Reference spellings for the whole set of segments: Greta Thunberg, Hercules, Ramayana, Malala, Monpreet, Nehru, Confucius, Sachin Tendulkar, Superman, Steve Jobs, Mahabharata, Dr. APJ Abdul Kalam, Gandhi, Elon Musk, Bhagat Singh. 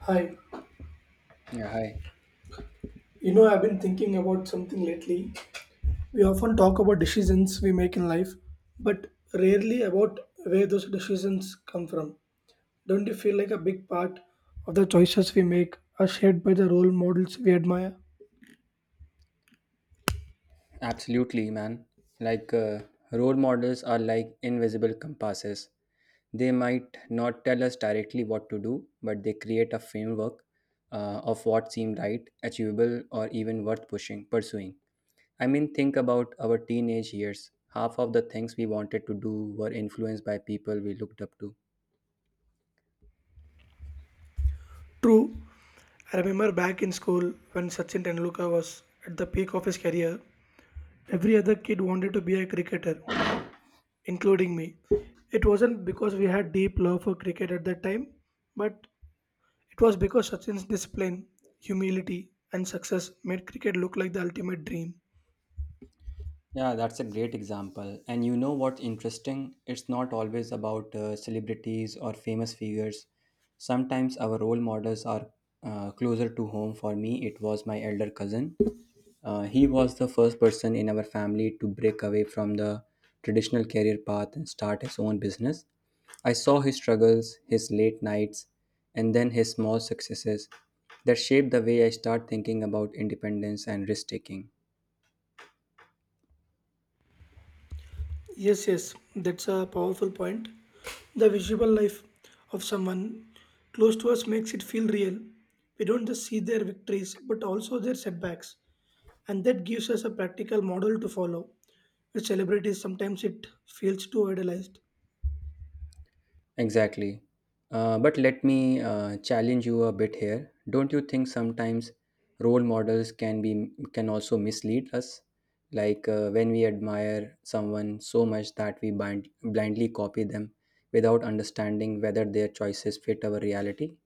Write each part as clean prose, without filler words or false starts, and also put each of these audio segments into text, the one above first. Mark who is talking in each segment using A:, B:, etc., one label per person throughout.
A: Hi,
B: Yeah, hi.
A: you know, I've been thinking about something lately. We often talk about decisions we make in life, but rarely about where those decisions come from. Don't you feel like a big part of the choices we make are shaped by the role models we admire?
B: Absolutely, man. Like, role models are like invisible compasses. They might not tell us directly what to do, but they create a framework of what seemed right, achievable, or even worth pursuing. I mean, think about our teenage years. Half of the things we wanted to do were influenced by people we looked up to.
A: True, I remember back in school when Sachin Tendulkar was at the peak of his career, every other kid wanted to be a cricketer, including me. It wasn't because we had deep love for cricket at that time, but it was because Sachin's discipline, humility, and success made cricket look like the ultimate dream.
B: Yeah, that's a great example. And you know what's interesting? It's not always about celebrities or famous figures. Sometimes our role models are closer to home. For me, it was my elder cousin. He was the first person in our family to break away from the traditional career path and start his own business. I saw his struggles, his late nights, and then his small successes that shaped the way I start thinking about independence and risk taking.
A: Yes, yes, that's a powerful point. The visible life of someone close to us makes it feel real. We don't just see their victories, but also their setbacks, and that gives us a practical model to follow. With celebrities, sometimes it feels too idealized.
B: Exactly. But let me challenge you a bit here. Don't you think sometimes role models can also mislead us? Like when we admire someone so much that we blindly copy them without understanding whether their choices fit our reality.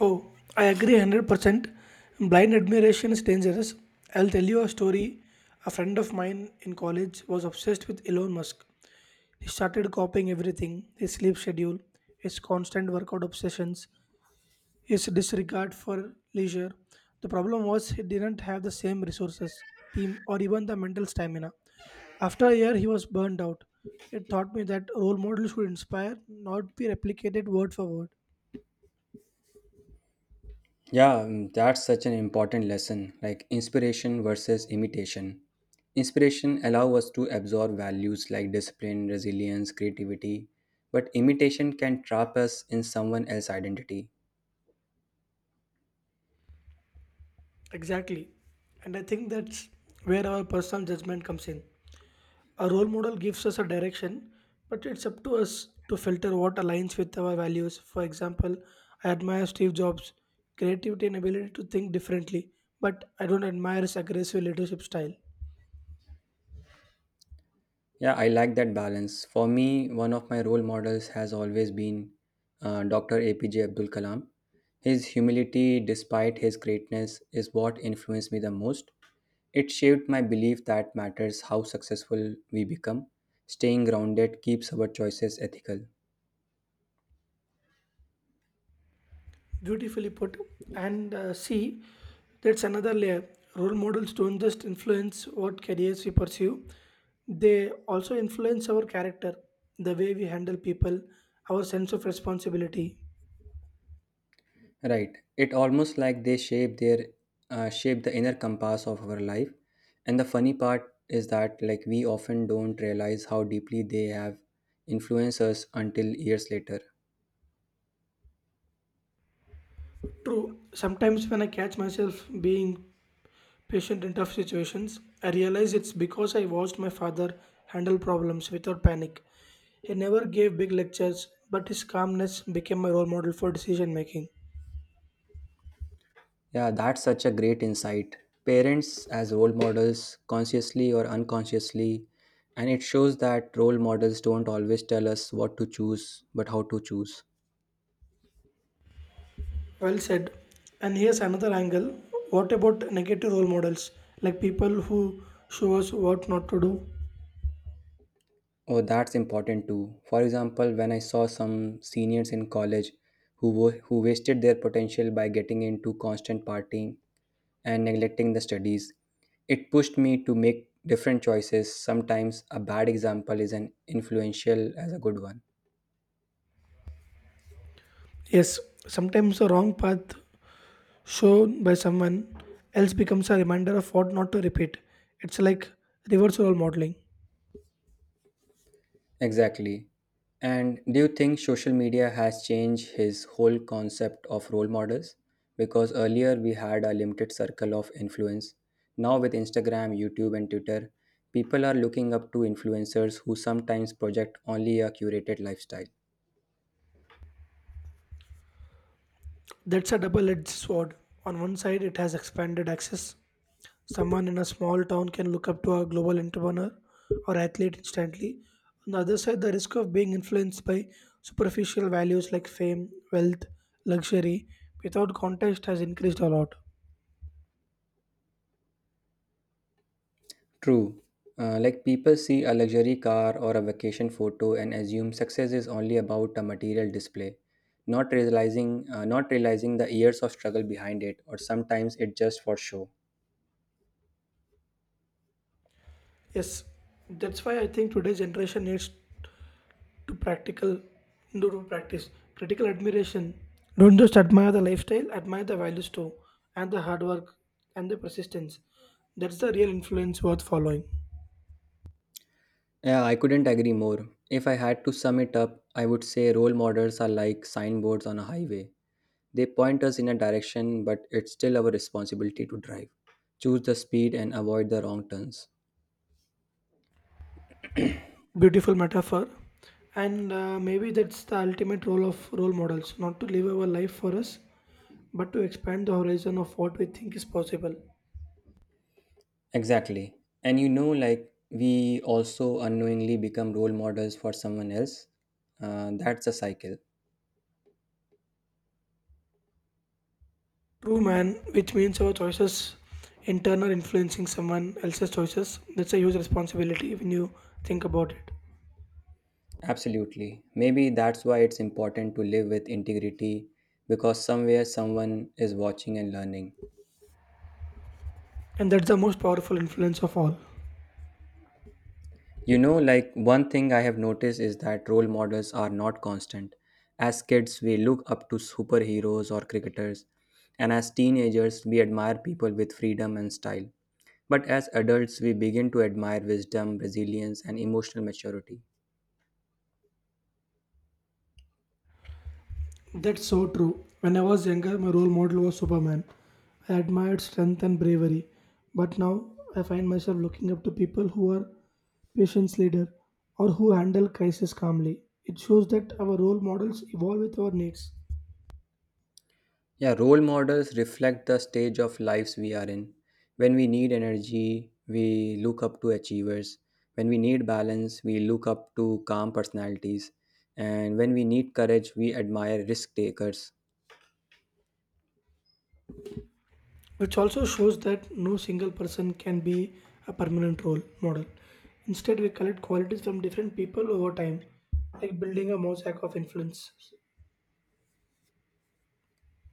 A: Oh, I agree 100%. Blind admiration is dangerous. I'll tell you a story. A friend of mine in college was obsessed with Elon Musk. He started copying everything, his sleep schedule, his constant workout obsessions, his disregard for leisure. The problem was he didn't have the same resources, team, or even the mental stamina. After a year, he was burned out. It taught me that role models should inspire, not be replicated word for word.
B: Yeah, that's such an important lesson like inspiration versus imitation. Inspiration allow us to absorb values like discipline, resilience, creativity, but imitation can trap us in someone else's identity.
A: Exactly. And I think that's where our personal judgment comes in. A role model gives us a direction, but it's up to us to filter what aligns with our values. For example, I admire Steve Jobs' creativity and ability to think differently, but I don't admire his aggressive leadership style.
B: Yeah, I like that balance. For me, one of my role models has always been Dr. APJ Abdul Kalam. His humility, despite his greatness, is what influenced me the most. It shaped my belief that matters how successful we become, staying grounded keeps our choices ethical.
A: Beautifully put. And see, that's another layer. Role models don't just influence what careers we pursue, they also influence our character, the way we handle people, our sense of responsibility.
B: Right. It almost like they shape the inner compass of our life. And the funny part is that like we often don't realize how deeply they have influenced us until years later.
A: True, sometimes when I catch myself being patient in tough situations, I realize it's because I watched my father handle problems without panic. He never gave big lectures, but his calmness became my role model for decision making.
B: Yeah, that's such a great insight. Parents as role models, consciously or unconsciously, and it shows that role models don't always tell us what to choose, but how to choose.
A: Well said. And here's another angle. What about negative role models? Like people who show us what not to do?
B: Oh, that's important too. For example, when I saw some seniors in college who wasted their potential by getting into constant partying and neglecting the studies, it pushed me to make different choices. Sometimes a bad example is an influential as a good one.
A: Yes, sometimes the wrong path shown by someone else becomes a reminder of what not to repeat. It's like reverse role modeling.
B: Exactly. And do you think social media has changed his whole concept of role models? Because earlier we had a limited circle of influence. Now, with Instagram, YouTube, and Twitter, people are looking up to influencers who sometimes project only a curated lifestyle.
A: That's a double edged sword. On one side, it has expanded access. Someone in a small town can look up to a global entrepreneur or athlete instantly. On the other side, the risk of being influenced by superficial values like fame, wealth, luxury without context has increased a lot.
B: True. Like people see a luxury car or a vacation photo and assume success is only about a material display, not realizing the years of struggle behind it, or sometimes it just for show.
A: Yes, that's why I think today's generation needs to practical do to practice critical admiration. Don't just admire the lifestyle, admire the values too, and the hard work and the persistence. That's the real influence worth following.
B: Yeah, I couldn't agree more. If I had to sum it up, I would say role models are like signboards on a highway. They point us in a direction, but it's still our responsibility to drive. Choose the speed and avoid the wrong turns.
A: Beautiful metaphor. And maybe that's the ultimate role of role models, not to live our life for us, but to expand the horizon of what we think is possible.
B: Exactly. And you know, like, we also unknowingly become role models for someone else. That's a cycle.
A: True, man, which means our choices in turn are influencing someone else's choices. That's a huge responsibility when you think about it.
B: Absolutely. Maybe that's why it's important to live with integrity because somewhere someone is watching and learning.
A: And that's the most powerful influence of all.
B: You know, like one thing I have noticed is that role models are not constant. As kids, we look up to superheroes or cricketers, and as teenagers, we admire people with freedom and style. But as adults, we begin to admire wisdom, resilience, and emotional maturity.
A: That's so true. When I was younger, my role model was Superman. I admired strength and bravery, but now I find myself looking up to people who are patience leader or who handle crisis calmly. It shows that our role models evolve with our needs,
B: Yeah, role models reflect the stage of lives we are in. When we need energy, we look up to achievers. When we need balance, we look up to calm personalities. And when we need courage, we admire risk takers.
A: which also shows that no single person can be a permanent role model. Instead, we collect qualities from different people over time, like building a mosaic of influences.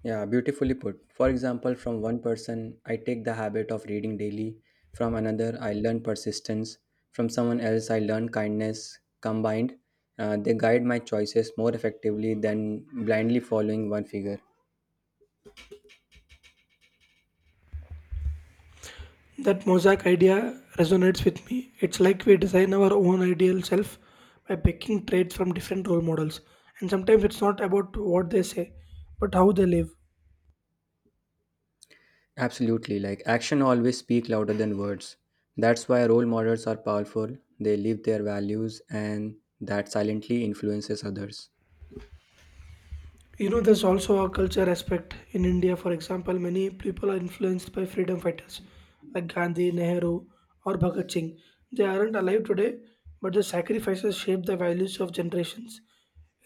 B: Yeah, beautifully put. For example, from one person, I take the habit of reading daily. From another, I learn persistence. From someone else, I learn kindness. Combined, they guide my choices more effectively than blindly following one figure.
A: That mosaic idea resonates with me. It's like we design our own ideal self by picking traits from different role models. And sometimes it's not about what they say, but how they live.
B: Absolutely, like action always speak louder than words. That's why role models are powerful. They live their values and that silently influences others.
A: You know, there's also a culture aspect. In India, for example, many people are influenced by freedom fighters like Gandhi, Nehru, or Bhagat Singh. They aren't alive today, but their sacrifices shape the values of generations.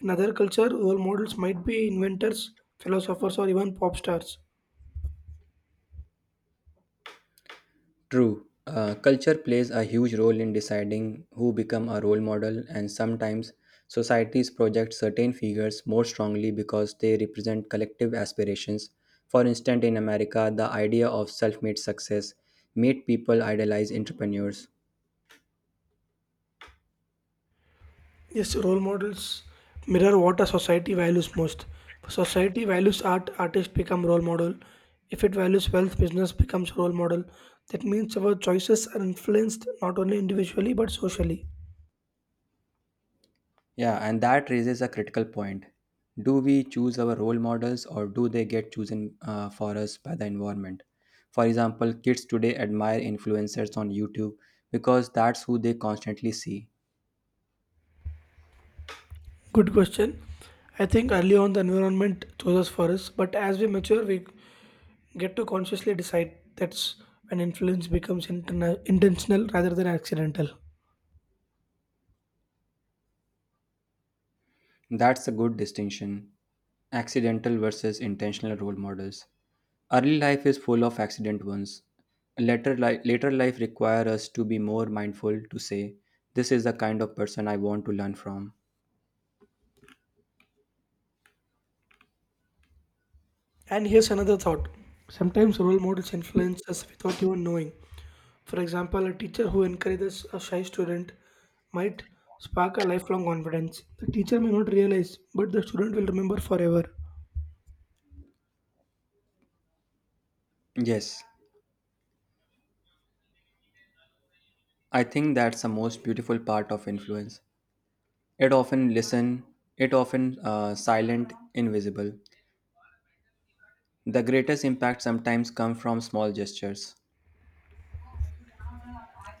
A: In other culture, role models might be inventors, philosophers, or even pop stars.
B: True, culture plays a huge role in deciding who become a role model, and sometimes societies project certain figures more strongly because they represent collective aspirations. For instance, in America, the idea of self-made success made people idolize entrepreneurs.
A: Yes, role models mirror what a society values most. If society values art, artists become role model. If it values wealth, business becomes role model. That means our choices are influenced not only individually but socially.
B: Yeah, and that raises a critical point. Do we choose our role models or do they get chosen for us by the environment? For example, kids today admire influencers on YouTube because that's who they constantly see.
A: Good question. I think early on the environment chooses for us, but as we mature, we get to consciously decide. That's when influence becomes intentional rather than accidental.
B: That's a good distinction accidental versus intentional role models. Early life is full of accident ones. Later, later life requires us to be more mindful to say, This is the kind of person I want to learn from.
A: And here's another thought, sometimes role models influence us without even knowing. For example, a teacher who encourages a shy student might spark a lifelong confidence. The teacher may not realize, but the student will remember forever.
B: Yes, I think that's the most beautiful part of influence. It often listen, it often silent, invisible. The greatest impact sometimes come from small gestures.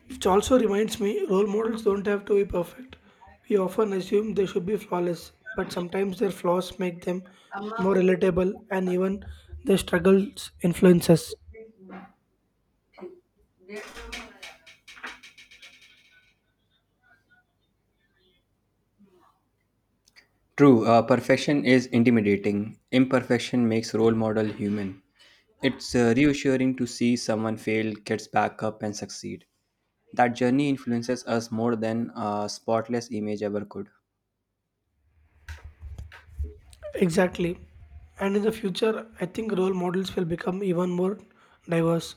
A: Which also reminds me, role models don't have to be perfect. We often assume they should be flawless, but sometimes their flaws make them more relatable and even their struggles influence us.
B: True, perfection is intimidating. Imperfection makes role model human. It's reassuring to see someone fail, gets back up, and succeed. That journey influences us more than a spotless image ever could.
A: Exactly. And in the future, I think role models will become even more diverse.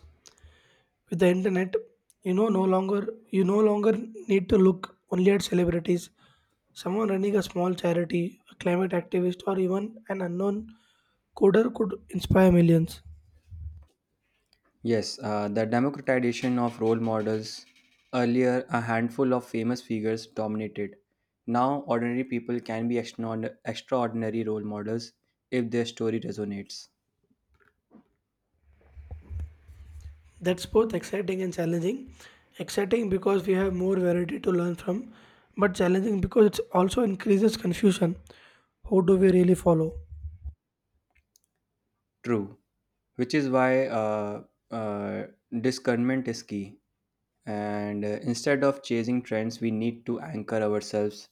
A: With the internet, you no longer need to look only at celebrities. Someone running a small charity, a climate activist, or even an unknown coder could inspire millions.
B: Yes, the democratization of role models. Earlier, a handful of famous figures dominated. Now, ordinary people can be extraordinary role models if their story resonates.
A: That's both exciting and challenging. Exciting because we have more variety to learn from, but challenging because it also increases confusion. Who do we really follow?
B: True, which is why uh, discernment is key. And instead of chasing trends, we need to anchor ourselves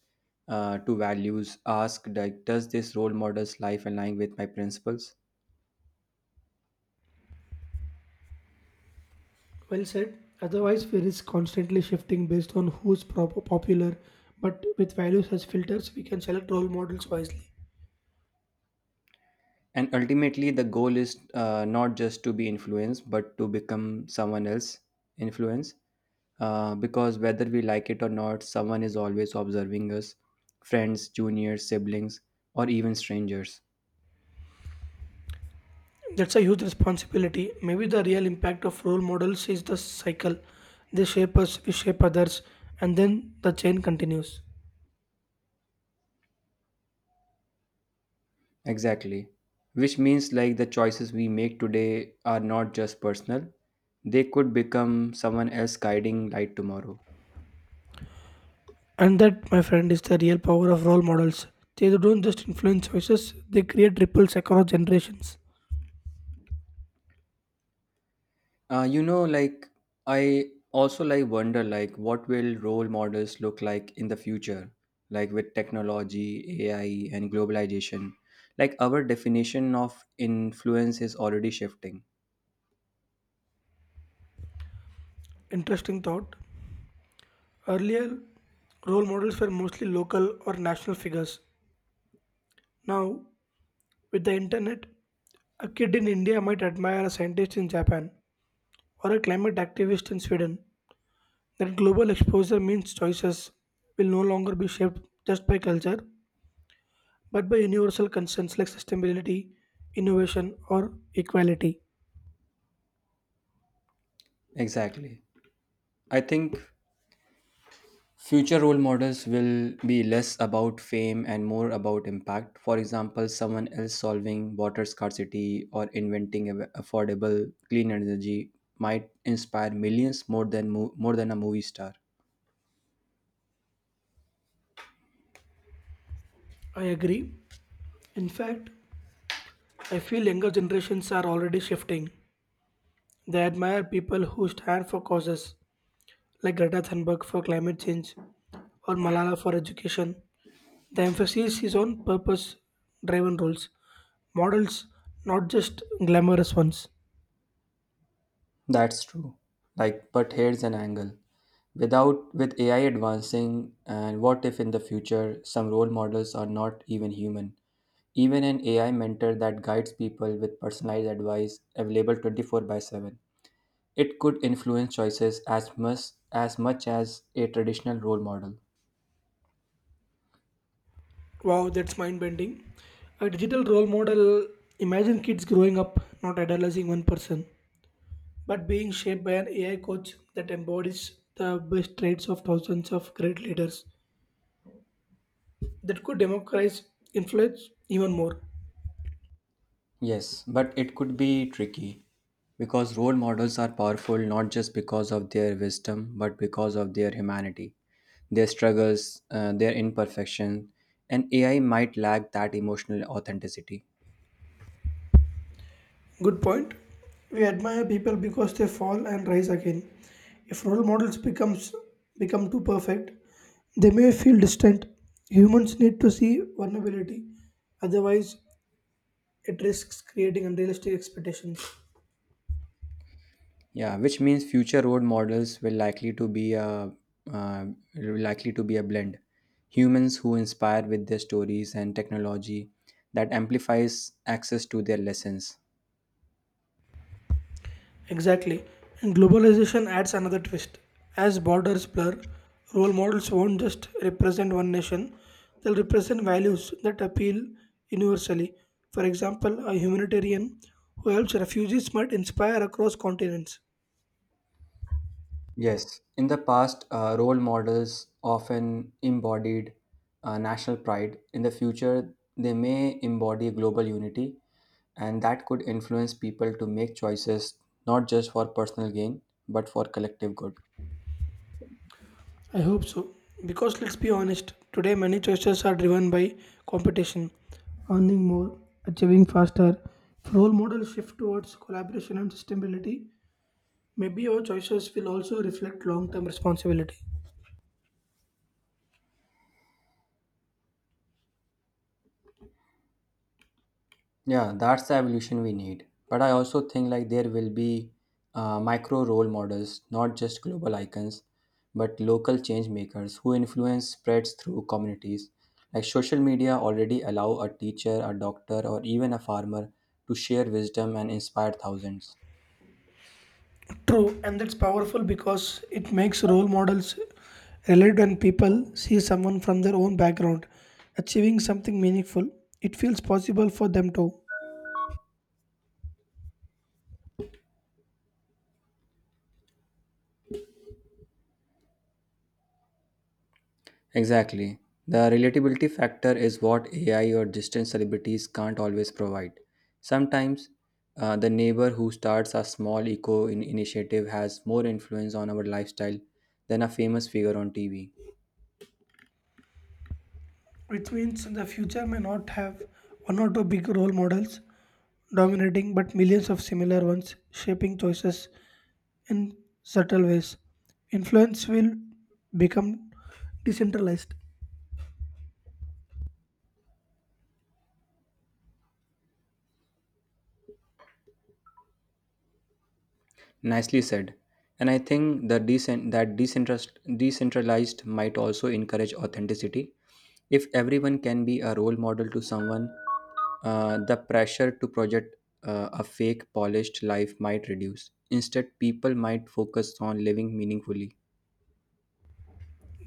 B: to values. Ask, like, does this role model's life align with my principles?
A: Well said. Otherwise, fear is constantly shifting based on who's popular. But with values as filters, we can select role models wisely.
B: And ultimately, the goal is not just to be influenced, but to become someone else influence. Because whether we like it or not, someone is always observing us friends, juniors, siblings, or even strangers.
A: That's a huge responsibility. Maybe the real impact of role models is the cycle. They shape us, we shape others, and then the chain continues.
B: Exactly. Which means like the choices we make today are not just personal, they could become someone else guiding light tomorrow.
A: And that, my friend, is the real power of role models. They don't just influence choices, they create ripples across generations.
B: Like I also like wonder like what will role models look like in the future, like with technology, AI, and globalization. Like our definition of influence is already shifting.
A: Interesting thought. Earlier, role models were mostly local or national figures. Now, with the internet, a kid in India might admire a scientist in Japan or a climate activist in Sweden. That global exposure means choices will no longer be shaped just by culture, but by universal concerns like sustainability, innovation, or equality.
B: Exactly. I think future role models will be less about fame and more about impact. For example, someone else solving water scarcity or inventing affordable clean energy might inspire millions more than a movie star.
A: I agree. In fact, I feel younger generations are already shifting. They admire people who stand for causes like Greta Thunberg for climate change or Malala for education. The emphasis is on purpose driven roles models, not just glamorous ones.
B: That's true. Like, but here's an angle. Without With AI advancing, and what if in the future some role models are not even human? Even an AI mentor that guides people with personalized advice available 24 by 7. It could influence choices as much as a traditional role model.
A: Wow, that's mind bending. A digital role model, imagine kids growing up, not idolizing one person, but being shaped by an AI coach that embodies the best traits of thousands of great leaders that could democratize influence even more.
B: Yes, but it could be tricky because role models are powerful not just because of their wisdom but because of their humanity, their struggles, their imperfection, and AI might lack that emotional authenticity.
A: Good point. We admire people because they fall and rise again. If role models become too perfect, they may feel distant. Humans need to see vulnerability, otherwise it risks creating unrealistic expectations.
B: Yeah, which means future road models will likely to be a uh, likely to be a blend. Humans who inspire with their stories and technology that amplifies access to their lessons.
A: Exactly. And globalization adds another twist. As borders blur, role models won't just represent one nation, they'll represent values that appeal universally. For example, a humanitarian who helps refugees might inspire across continents.
B: Yes, in the past, role models often embodied national pride. In the future, they may embody global unity, and that could influence people to make choices not just for personal gain but for collective good.
A: I hope so. Because let's be honest, today many choices are driven by competition, earning more, achieving faster. If role models shift towards collaboration and sustainability, maybe our choices will also reflect long term responsibility.
B: Yeah, that's the evolution we need. But I also think like there will be micro role models, not just global icons, but local change makers who influence spreads through communities. Like social media already allow a teacher, a doctor, or even a farmer to share wisdom and inspire thousands.
A: True, and that's powerful because it makes role models relate when people see someone from their own background achieving something meaningful. It feels possible for them too,
B: Exactly. The relatability factor is what AI or distant celebrities can't always provide. Sometimes, the neighbor who starts a small initiative has more influence on our lifestyle than a famous figure on TV.
A: which means the future may not have one or two big role models dominating, but millions of similar ones shaping choices in subtle ways. Influence will become decentralized.
B: Nicely said. And I think the decentralized might also encourage authenticity. If everyone can be a role model to someone, the pressure to project a fake, polished life might reduce. Instead, people might focus on living meaningfully.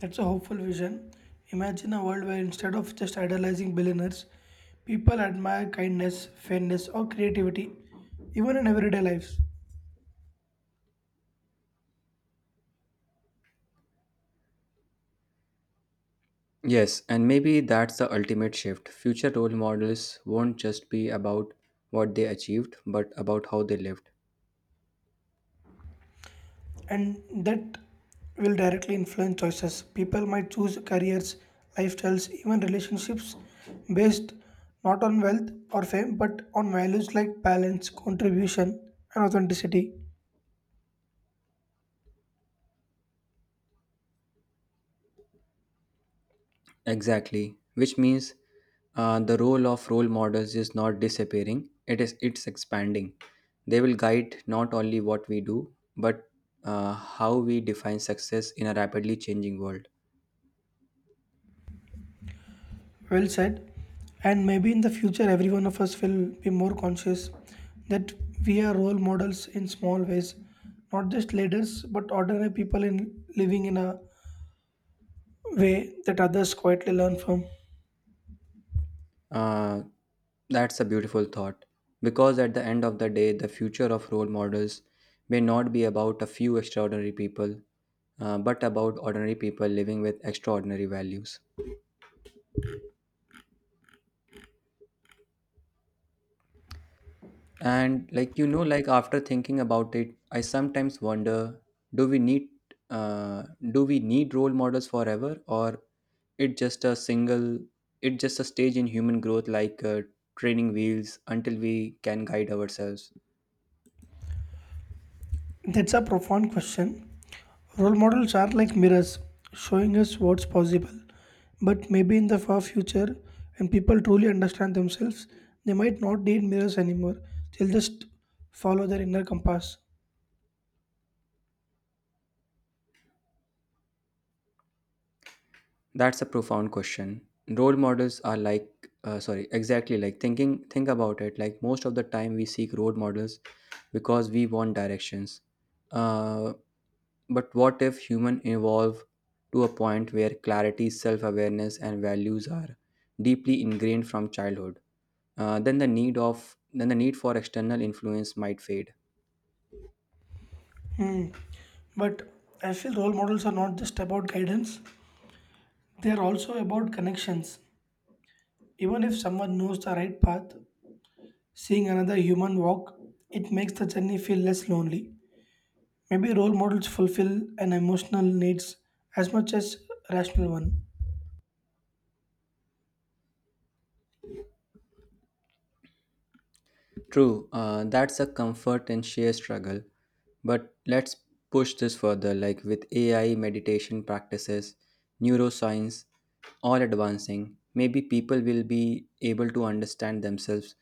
A: That's a hopeful vision. Imagine a world where instead of just idolizing billionaires, people admire kindness, fairness, or creativity, even in everyday lives.
B: Yes, and maybe that's the ultimate shift. Future role models won't just be about what they achieved, but about how they lived.
A: And that will directly influence choices. People might choose careers, lifestyles, even relationships based not on wealth or fame, but on values like balance, contribution, and authenticity.
B: Exactly, which means the role of role models is not disappearing; it's expanding. They will guide not only what we do, but how we define success in a rapidly changing world.
A: Well said. And maybe in the future, every one of us will be more conscious that we are role models in small ways, not just leaders, but ordinary people in living in a way that others quietly learn from.
B: Uh, that's a beautiful thought, because at the end of the day, the future of role models may not be about a few extraordinary people, but about ordinary people living with extraordinary values. And like like after thinking about it, I sometimes wonder, do we need uh, do we need role models forever, or it just a single it just a stage in human growth, like training wheels, until we can guide ourselves?
A: That's a profound question. Role models are like mirrors, showing us what's possible. But maybe in the far future, when people truly understand themselves, they might not need mirrors anymore. They'll just follow their inner compass.
B: That's a profound question. Role models are like, sorry, exactly like think about it. Like most of the time, we seek role models because we want directions. Uh, but what if human evolve to a point where clarity, self awareness, and values are deeply ingrained from childhood? Then the need for external influence might fade.
A: Hmm. But I feel role models are not just about guidance, they are also about connections. Even if someone knows the right path, seeing another human walk, it makes the journey feel less lonely. Maybe role models fulfill an emotional needs as much as rational one.
B: True, that's a comfort and sheer struggle. But let's push this further, like with AI, meditation practices, neuroscience, all advancing, maybe people will be able to understand themselves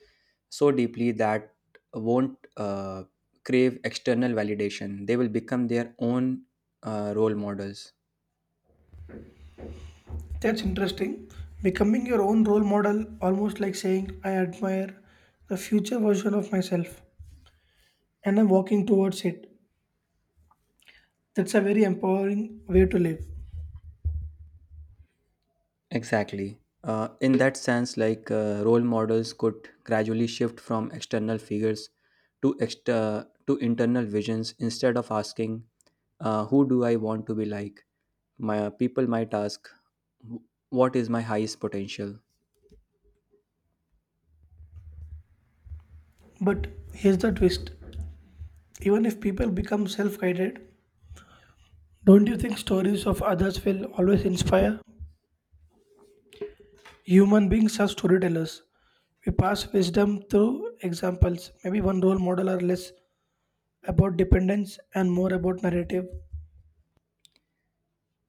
B: so deeply that won't crave external validation. They will become their own role models.
A: That's interesting. Becoming your own role model almost like saying I admire the future version of myself and I'm walking towards it. That's a very empowering way to live.
B: Exactly. In that sense, like role models could gradually shift from external figures to internal visions. Instead of asking, "Who do I want to be like?" my people might ask, "Wh- "What is my highest potential?"
A: But here's the twist, even if people become self guided, don't you think stories of others will always inspire? Human beings are storytellers. We pass wisdom through examples. Maybe one role model are less about dependence and more about narrative.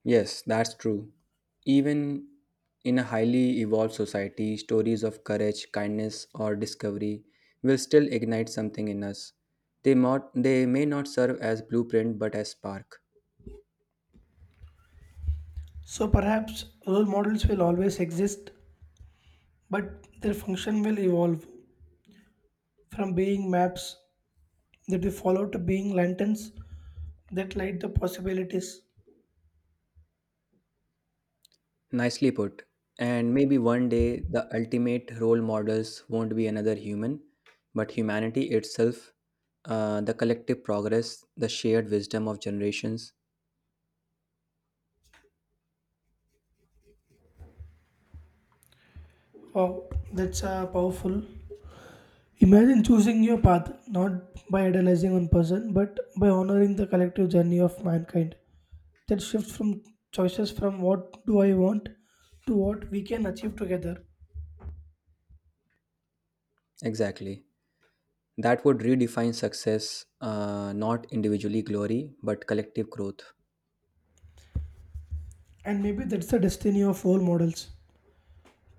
B: Yes, that's true. Even in a highly evolved society, stories of courage, kindness, or discovery will still ignite something in us. They may not serve as blueprint but as spark.
A: So perhaps role models will always exist, but their function will evolve from being maps that we follow to being lanterns that light the possibilities.
B: Nicely put. And maybe one day the ultimate role models won't be another human, but humanity itself, the collective progress, the shared wisdom of generations.
A: Wow, that's powerful. Imagine choosing your path not by idolizing one person but by honoring the collective journey of mankind. That shift from choices from what do I want to what we can achieve together.
B: Exactly. That would redefine success, not individually glory, but collective growth.
A: And maybe that's the destiny of all models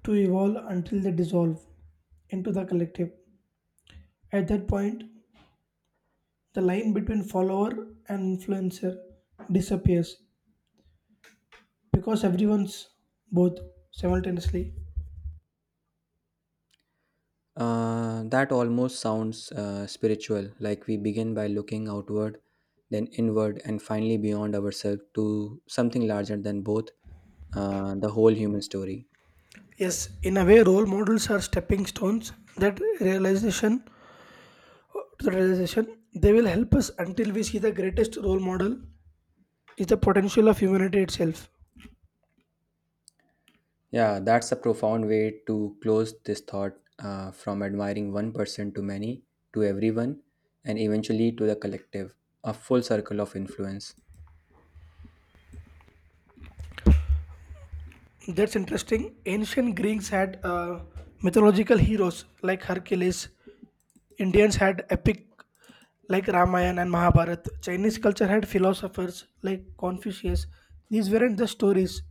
A: to evolve until they dissolve into the collective. At that point, the line between follower and influencer disappears because everyone's both simultaneously.
B: That almost sounds spiritual, like we begin by looking outward, then inward, and finally beyond ourselves to something larger than both the whole human story.
A: Yes, in a way, role models are stepping stones. That realization, to the realization, they will help us until we see the greatest role model is the potential of humanity itself.
B: Yeah, that's a profound way to close this thought from admiring one person to many, to everyone, and eventually to the collective, a full circle of influence.
A: That's interesting. Ancient Greeks had mythological heroes like Hercules. Indians had epic like Ramayana and Mahabharata. Chinese culture had philosophers like Confucius. These weren't just stories;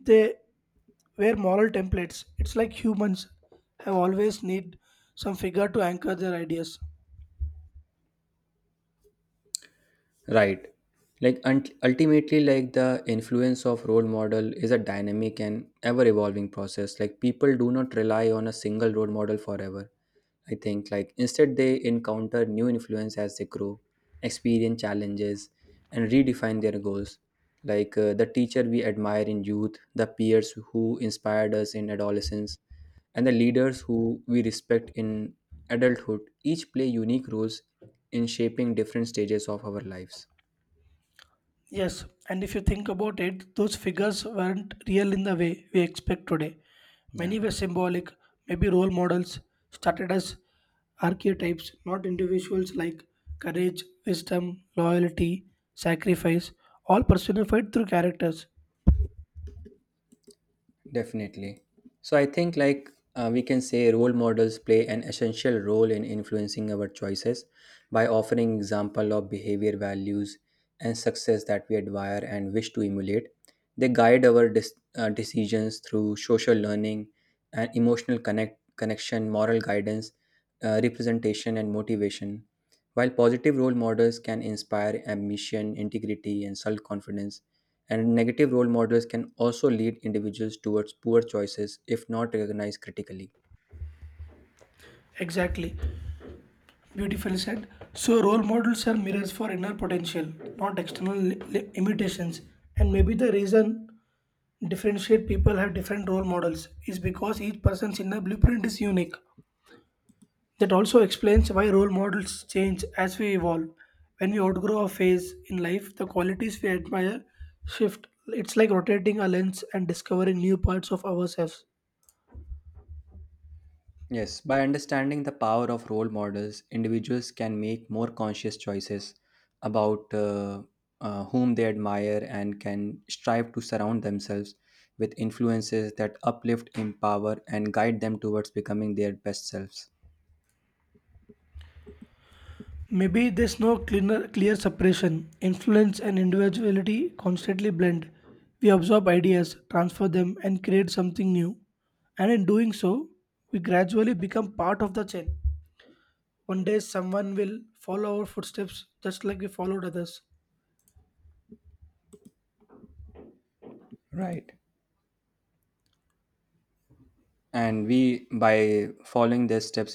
A: they were moral templates. It's like humans have always need some figure to anchor their ideas.
B: Right. Like unt ultimately, like the influence of role model is a dynamic and ever evolving process. Like people do not rely on a single role model forever. I think like instead they encounter new influence as they grow, experience challenges, and redefine their goals. Like the teacher we admire in youth, the peers who inspired us in adolescence, and the leaders who we respect in adulthood, each play unique roles in shaping different stages of our lives.
A: Yes, and if you think about it, those figures weren't real in the way we expect today.
B: Yeah.
A: Many were symbolic. Maybe role models started as archetypes, not individuals, like courage, wisdom, loyalty, sacrifice, all personified through characters.
B: Definitely. So I think like we can say role models play an essential role in influencing our choices by offering example of behavior values and success that we admire and wish to emulate. They guide our decisions through social learning and emotional connection, moral guidance, representation and motivation. While positive role models can inspire ambition, integrity and self-confidence, and negative role models can also lead individuals towards poor choices if not recognized critically.
A: Exactly. Beautifully said. So, role models are mirrors for inner potential, not external imitations. And maybe the reason differentiate people have different role models is because each person's inner blueprint is unique. That also explains why role models change as we evolve. When we outgrow a phase in life, the qualities we admire shift. It's like rotating a lens and discovering new parts of ourselves.
B: Yes, by understanding the power of role models, individuals can make more conscious choices about whom they admire and can strive to surround themselves with influences that uplift, empower, and guide them towards becoming their best selves.
A: Maybe there's no cleaner, clear separation. Influence and individuality constantly blend. We absorb ideas, transfer them, and create something new. And in doing so, we gradually become part of the chain. One day, someone will follow our footsteps just like we followed others.
B: Right. And we, by following these steps,